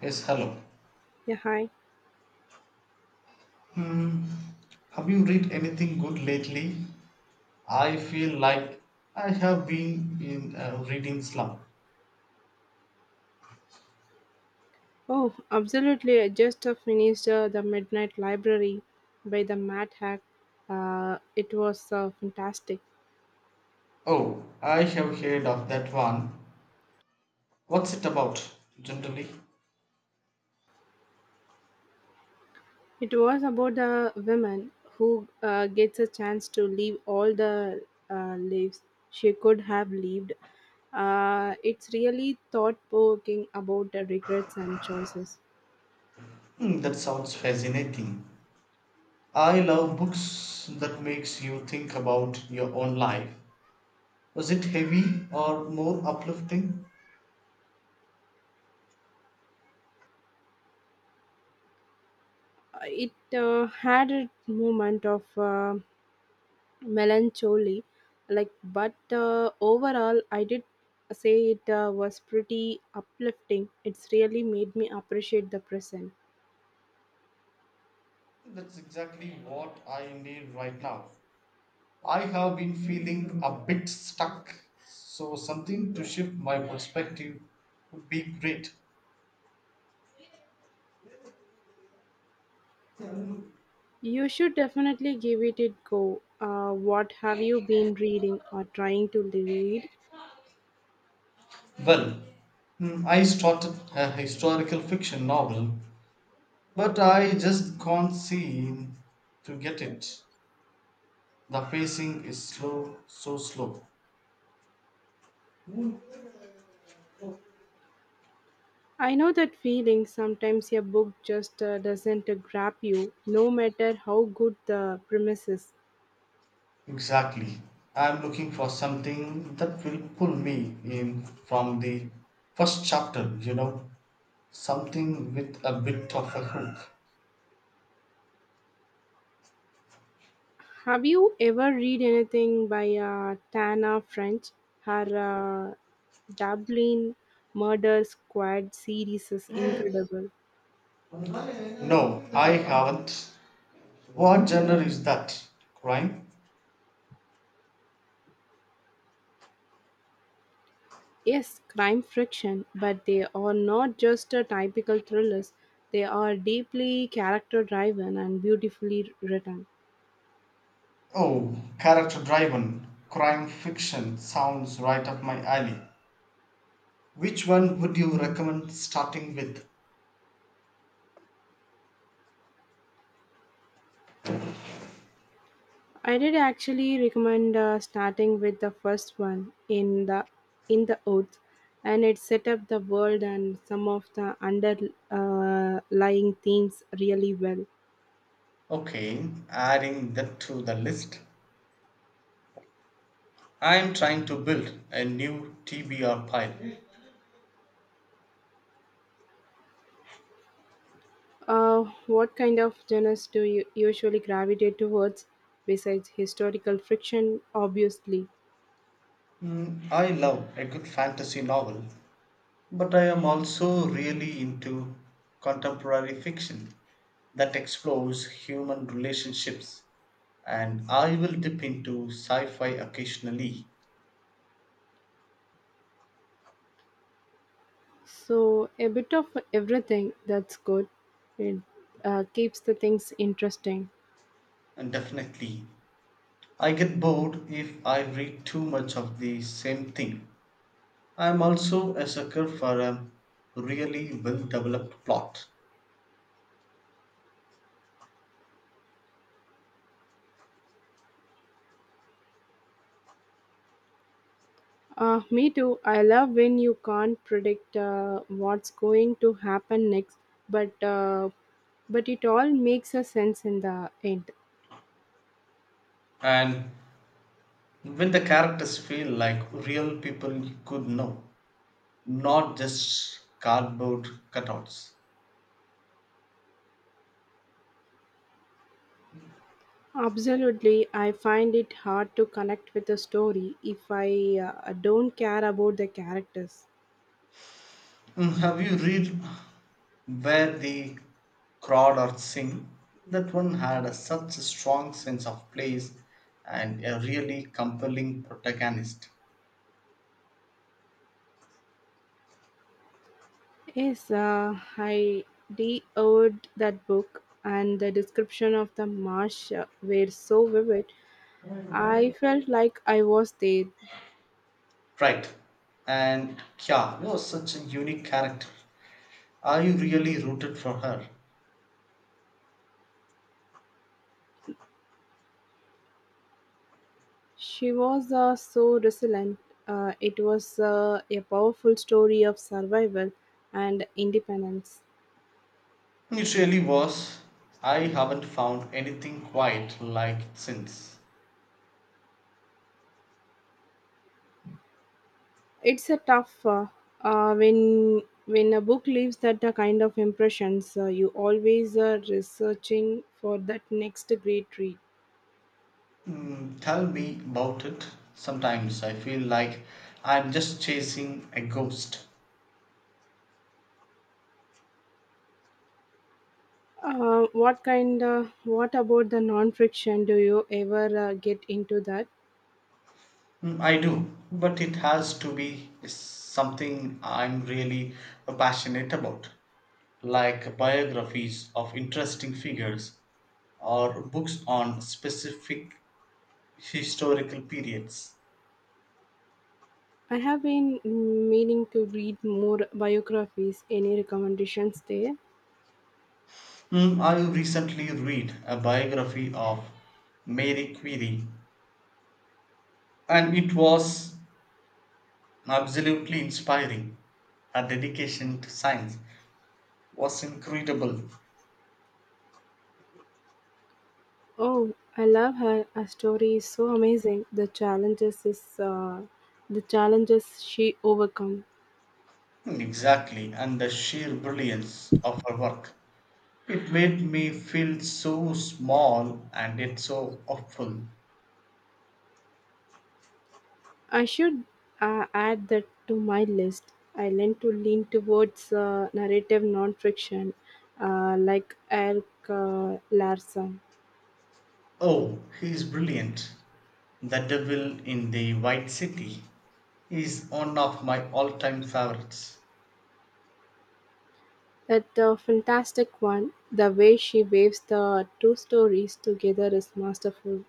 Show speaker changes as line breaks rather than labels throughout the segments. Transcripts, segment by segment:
Yes, hello.
Yeah, hi.
Hmm. Have you read anything good lately? I feel like I have been in a reading slump.
Oh, absolutely. I just finished The Midnight Library by the Mad Hack. It was fantastic.
Oh, I have heard of that one. What's it about, generally?
It was about a woman who gets a chance to leave all the lives she could have lived. It's really thought provoking about the regrets and choices.
That sounds fascinating. I love books that makes you think about your own life. Was it heavy or more uplifting?
It had a moment of melancholy like but overall I did say it was pretty uplifting. It's really made me appreciate the present.
That's exactly what I need right now. I have been feeling a bit stuck, so something to shift my perspective would be great.
You should definitely give it a go. What have you been reading or trying to read?
Well, I started a historical fiction novel, but I just can't seem to get it. The pacing is slow, so slow.
I know that feeling. Sometimes a book just doesn't grab you, no matter how good the premise is.
Exactly. I'm looking for something that will pull me in from the first chapter, you know, something with a bit of a hook.
Have you ever read anything by Tana French? Her Dublin Murder Squad series is incredible.
No, I haven't. What genre is that? Crime?
Yes, crime friction, but they are not just a typical thrillers. They are deeply character driven and beautifully written.
Oh, character driven. Crime fiction sounds right up my alley. Which one would you recommend starting with?
I did actually recommend starting with the first one in the oath, and it set up the world and some of the underlying lying themes really well.
Okay, adding that to the list. I am trying to build a new TBR pile.
Uh, what kind of genres do you usually gravitate towards besides historical fiction? Obviously,
Mm, I love a good fantasy novel, but I am also really into contemporary fiction that explores human relationships, and I will dip into sci fi occasionally,
so a bit of everything. That's good. It keeps the things interesting.
and definitely. I get bored if I read too much of the same thing. I am also a sucker for a really well developed plot,
Me too. I love when you can't predict what's going to happen next, but uh, but it all makes a sense in the end.
and when the characters feel like real people you could know, not just cardboard cutouts.
Absolutely, I find it hard to connect with a story if I don't care about the characters.
Mm, have you read Where the Crawdads Sing? That one had such a strong sense of place and a really compelling protagonist.
Yes, I devoured that book, and the description of the marsh were so vivid. I felt like I was there.
Right. And Kya was such a unique character. I really rooted for her.
She was so resilient; it was a powerful story of survival and independence.
It really was. I haven't found anything quite like it since.
It's a tough when a book leaves that kind of impressions. You always are researching for that next great read.
Mm, tell me about it. Sometimes I feel like I'm just chasing a ghost.
What kind? What about the non-fiction? Do you ever get into that?
Mm, I do, but it has to be something I'm really passionate about, like biographies of interesting figures or books on specific historical periods.
I have been meaning to read more biographies. Any recommendations there?
Mm, I recently read a biography of Mary Curie, and it was absolutely inspiring. Her dedication to science was incredible.
Oh, I love her. Her story is so amazing. The challenges is the challenges she overcome.
Mm, exactly, and the sheer brilliance of her work. It made me feel so small and yet so awful.
I should add that to my list. I learned to lean towards narrative non-fiction, like Eric Larson.
Oh, he's brilliant. The Devil in the White City is one of my all time favorites.
That fantastic one. The way she waves the two stories together is masterful.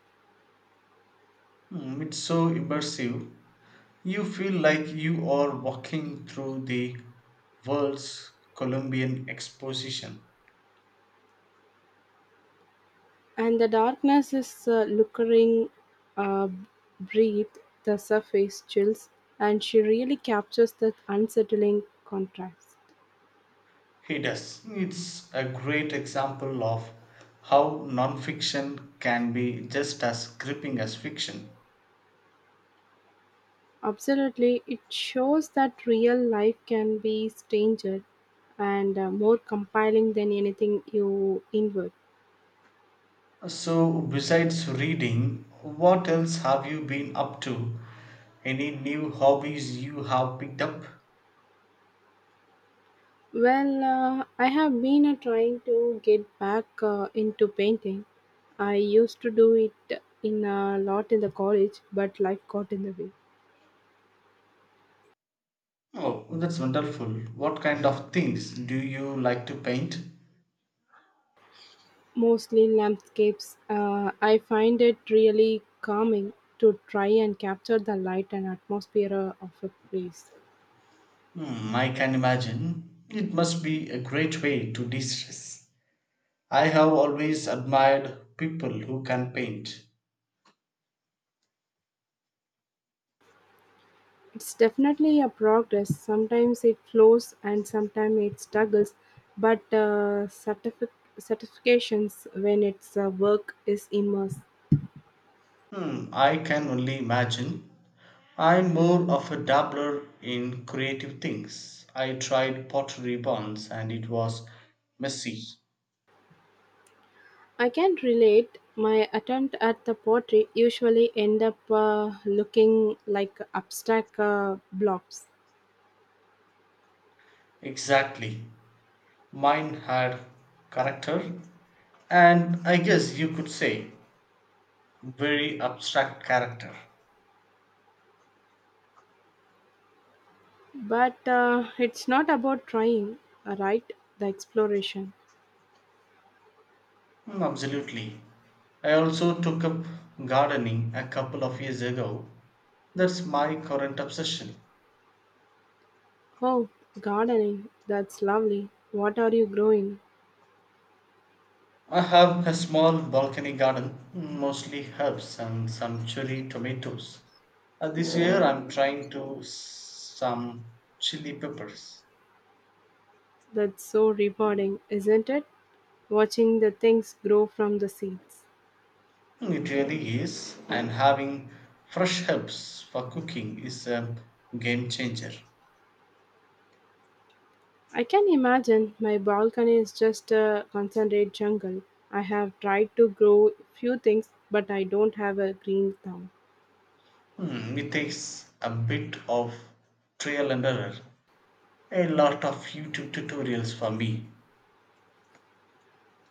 Hmm, it's so immersive. You feel like you are walking through the world's Columbian exposition.
And the darkness is lurking uh, breath, the surface chills, and she really captures that unsettling contrast.
He does. It's a great example of how nonfiction can be just as gripping as fiction.
Absolutely, it shows that real life can be stranger and more compelling than anything you invert.
So, besides reading, what else have you been up to? Any new hobbies you have picked up?
Well, I have been trying to get back into painting. I used to do it in a lot in the college, but life got in the way.
Oh, that's wonderful. What kind of things do you like to paint?
Mostly landscapes. I find it really calming to try and capture the light and atmosphere of a place.
Hmm, I can imagine. It must be a great way to de stress. I have always admired people who can paint.
It's definitely a progress. Sometimes it flows and sometimes it struggles, but certifications when its work is immersed.
Hmm, I can only imagine. I'm more of a dabbler in creative things. I tried pottery once and it was messy.
I can relate. My attempt at the pottery usually end up looking like abstract blobs.
Exactly. Mine had character, and I guess you could say very abstract character.
But it's not about trying, right? The exploration.
Hmm, absolutely. I also took up gardening a couple of years ago. That's my current obsession.
Oh, gardening. That's lovely. What are you growing?
I have a small balcony garden, mostly herbs and some cherry tomatoes. This year I'm trying to some chili peppers.
That's so rewarding, isn't it? Watching the things grow from the seeds.
Mm, it really is, and having fresh herbs for cooking is a game changer.
I can imagine my balcony is just a concentrate jungle. I have tried to grow few things, but I don't have a green thumb.
Mm, it takes a bit of trial and error, a lot of YouTube tutorials for me.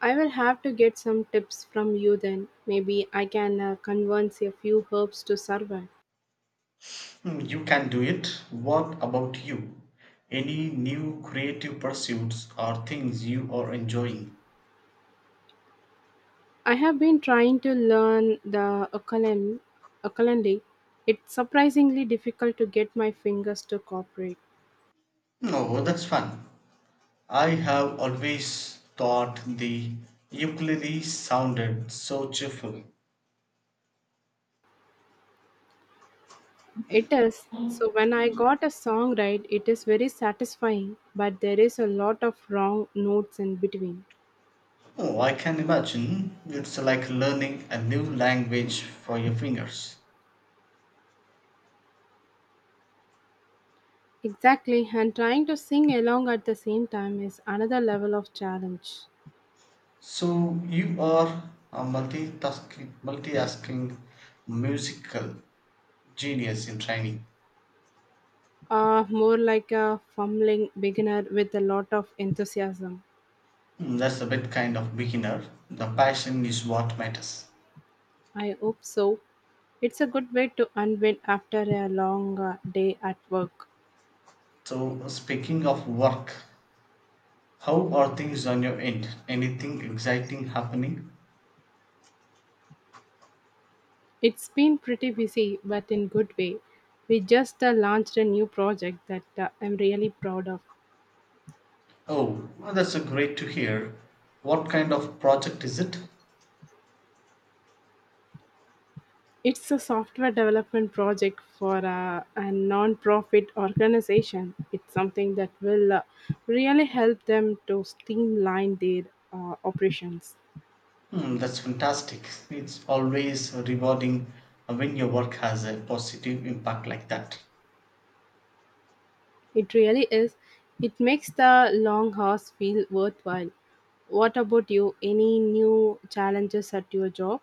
I will have to get some tips from you then. Maybe I can convince a few herbs to survive.
Hmm, you can do it. What about you? Any new creative pursuits or things you are enjoying?
I have been trying to learn the ukulele. Ukulele. It's surprisingly difficult to get my fingers to cooperate.
No, that's fun. I have always thought the ukulele sounded so cheerful.
It is. So when I got a song right, it is very satisfying, but there is a lot of wrong notes in between.
Oh, I can imagine. It's like learning a new language for your fingers.
Exactly, and trying to sing along at the same time is another level of challenge.
So you are a multitasking musical genius in training.
More like a fumbling beginner with a lot of enthusiasm.
Mm, that's a bit kind of beginner. The passion is what matters.
I hope so. It's a good way to unwind after a long day at work.
So, speaking of work, how are things on your end? Anything exciting happening?
It's been pretty busy, but in good way. We just launched a new project that I'm really proud of.
Oh, well, that's a great to hear. What kind of project is it?
It's a software development project for a non-profit organization. It's something that will really help them to streamline their operations.
Hmm, that's fantastic. It's always rewarding when your work has a positive impact like that.
It really is. It makes the long hours feel worthwhile. What about you? Any new challenges at your job?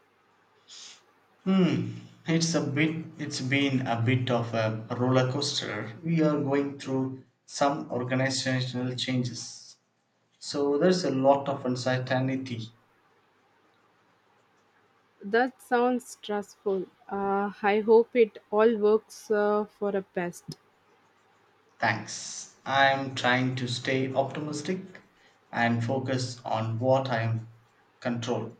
Hmm. It's been a bit of a roller coaster. We are going through some organizational changes. So there's a lot of uncertainty.
That sounds stressful. I hope it all works for the best.
Thanks. I'm trying to stay optimistic and focus on what I am control.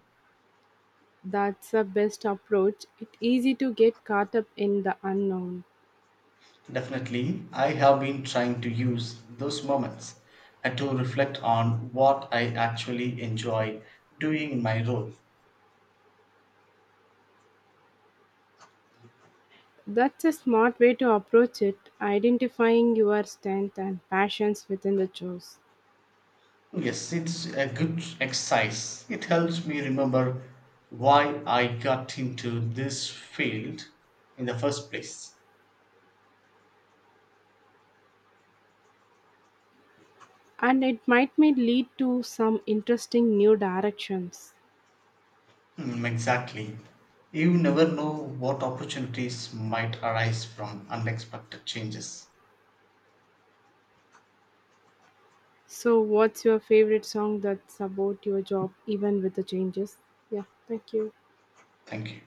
That's the best approach. It's easy to get caught up in the unknown.
Definitely, I have been trying to use those moments to reflect on what I actually enjoy doing in my role.
That's a smart way to approach it, identifying your strength and passions within the jobs.
Yes, it's a good exercise. It helps me remember why I got into this field in the first place.
And it might may lead to some interesting new directions.
Mm, exactly. You never know what opportunities might arise from unexpected changes.
So, what's your favorite song that's about your job, even with the changes? Yeah, thank you.
Thank you.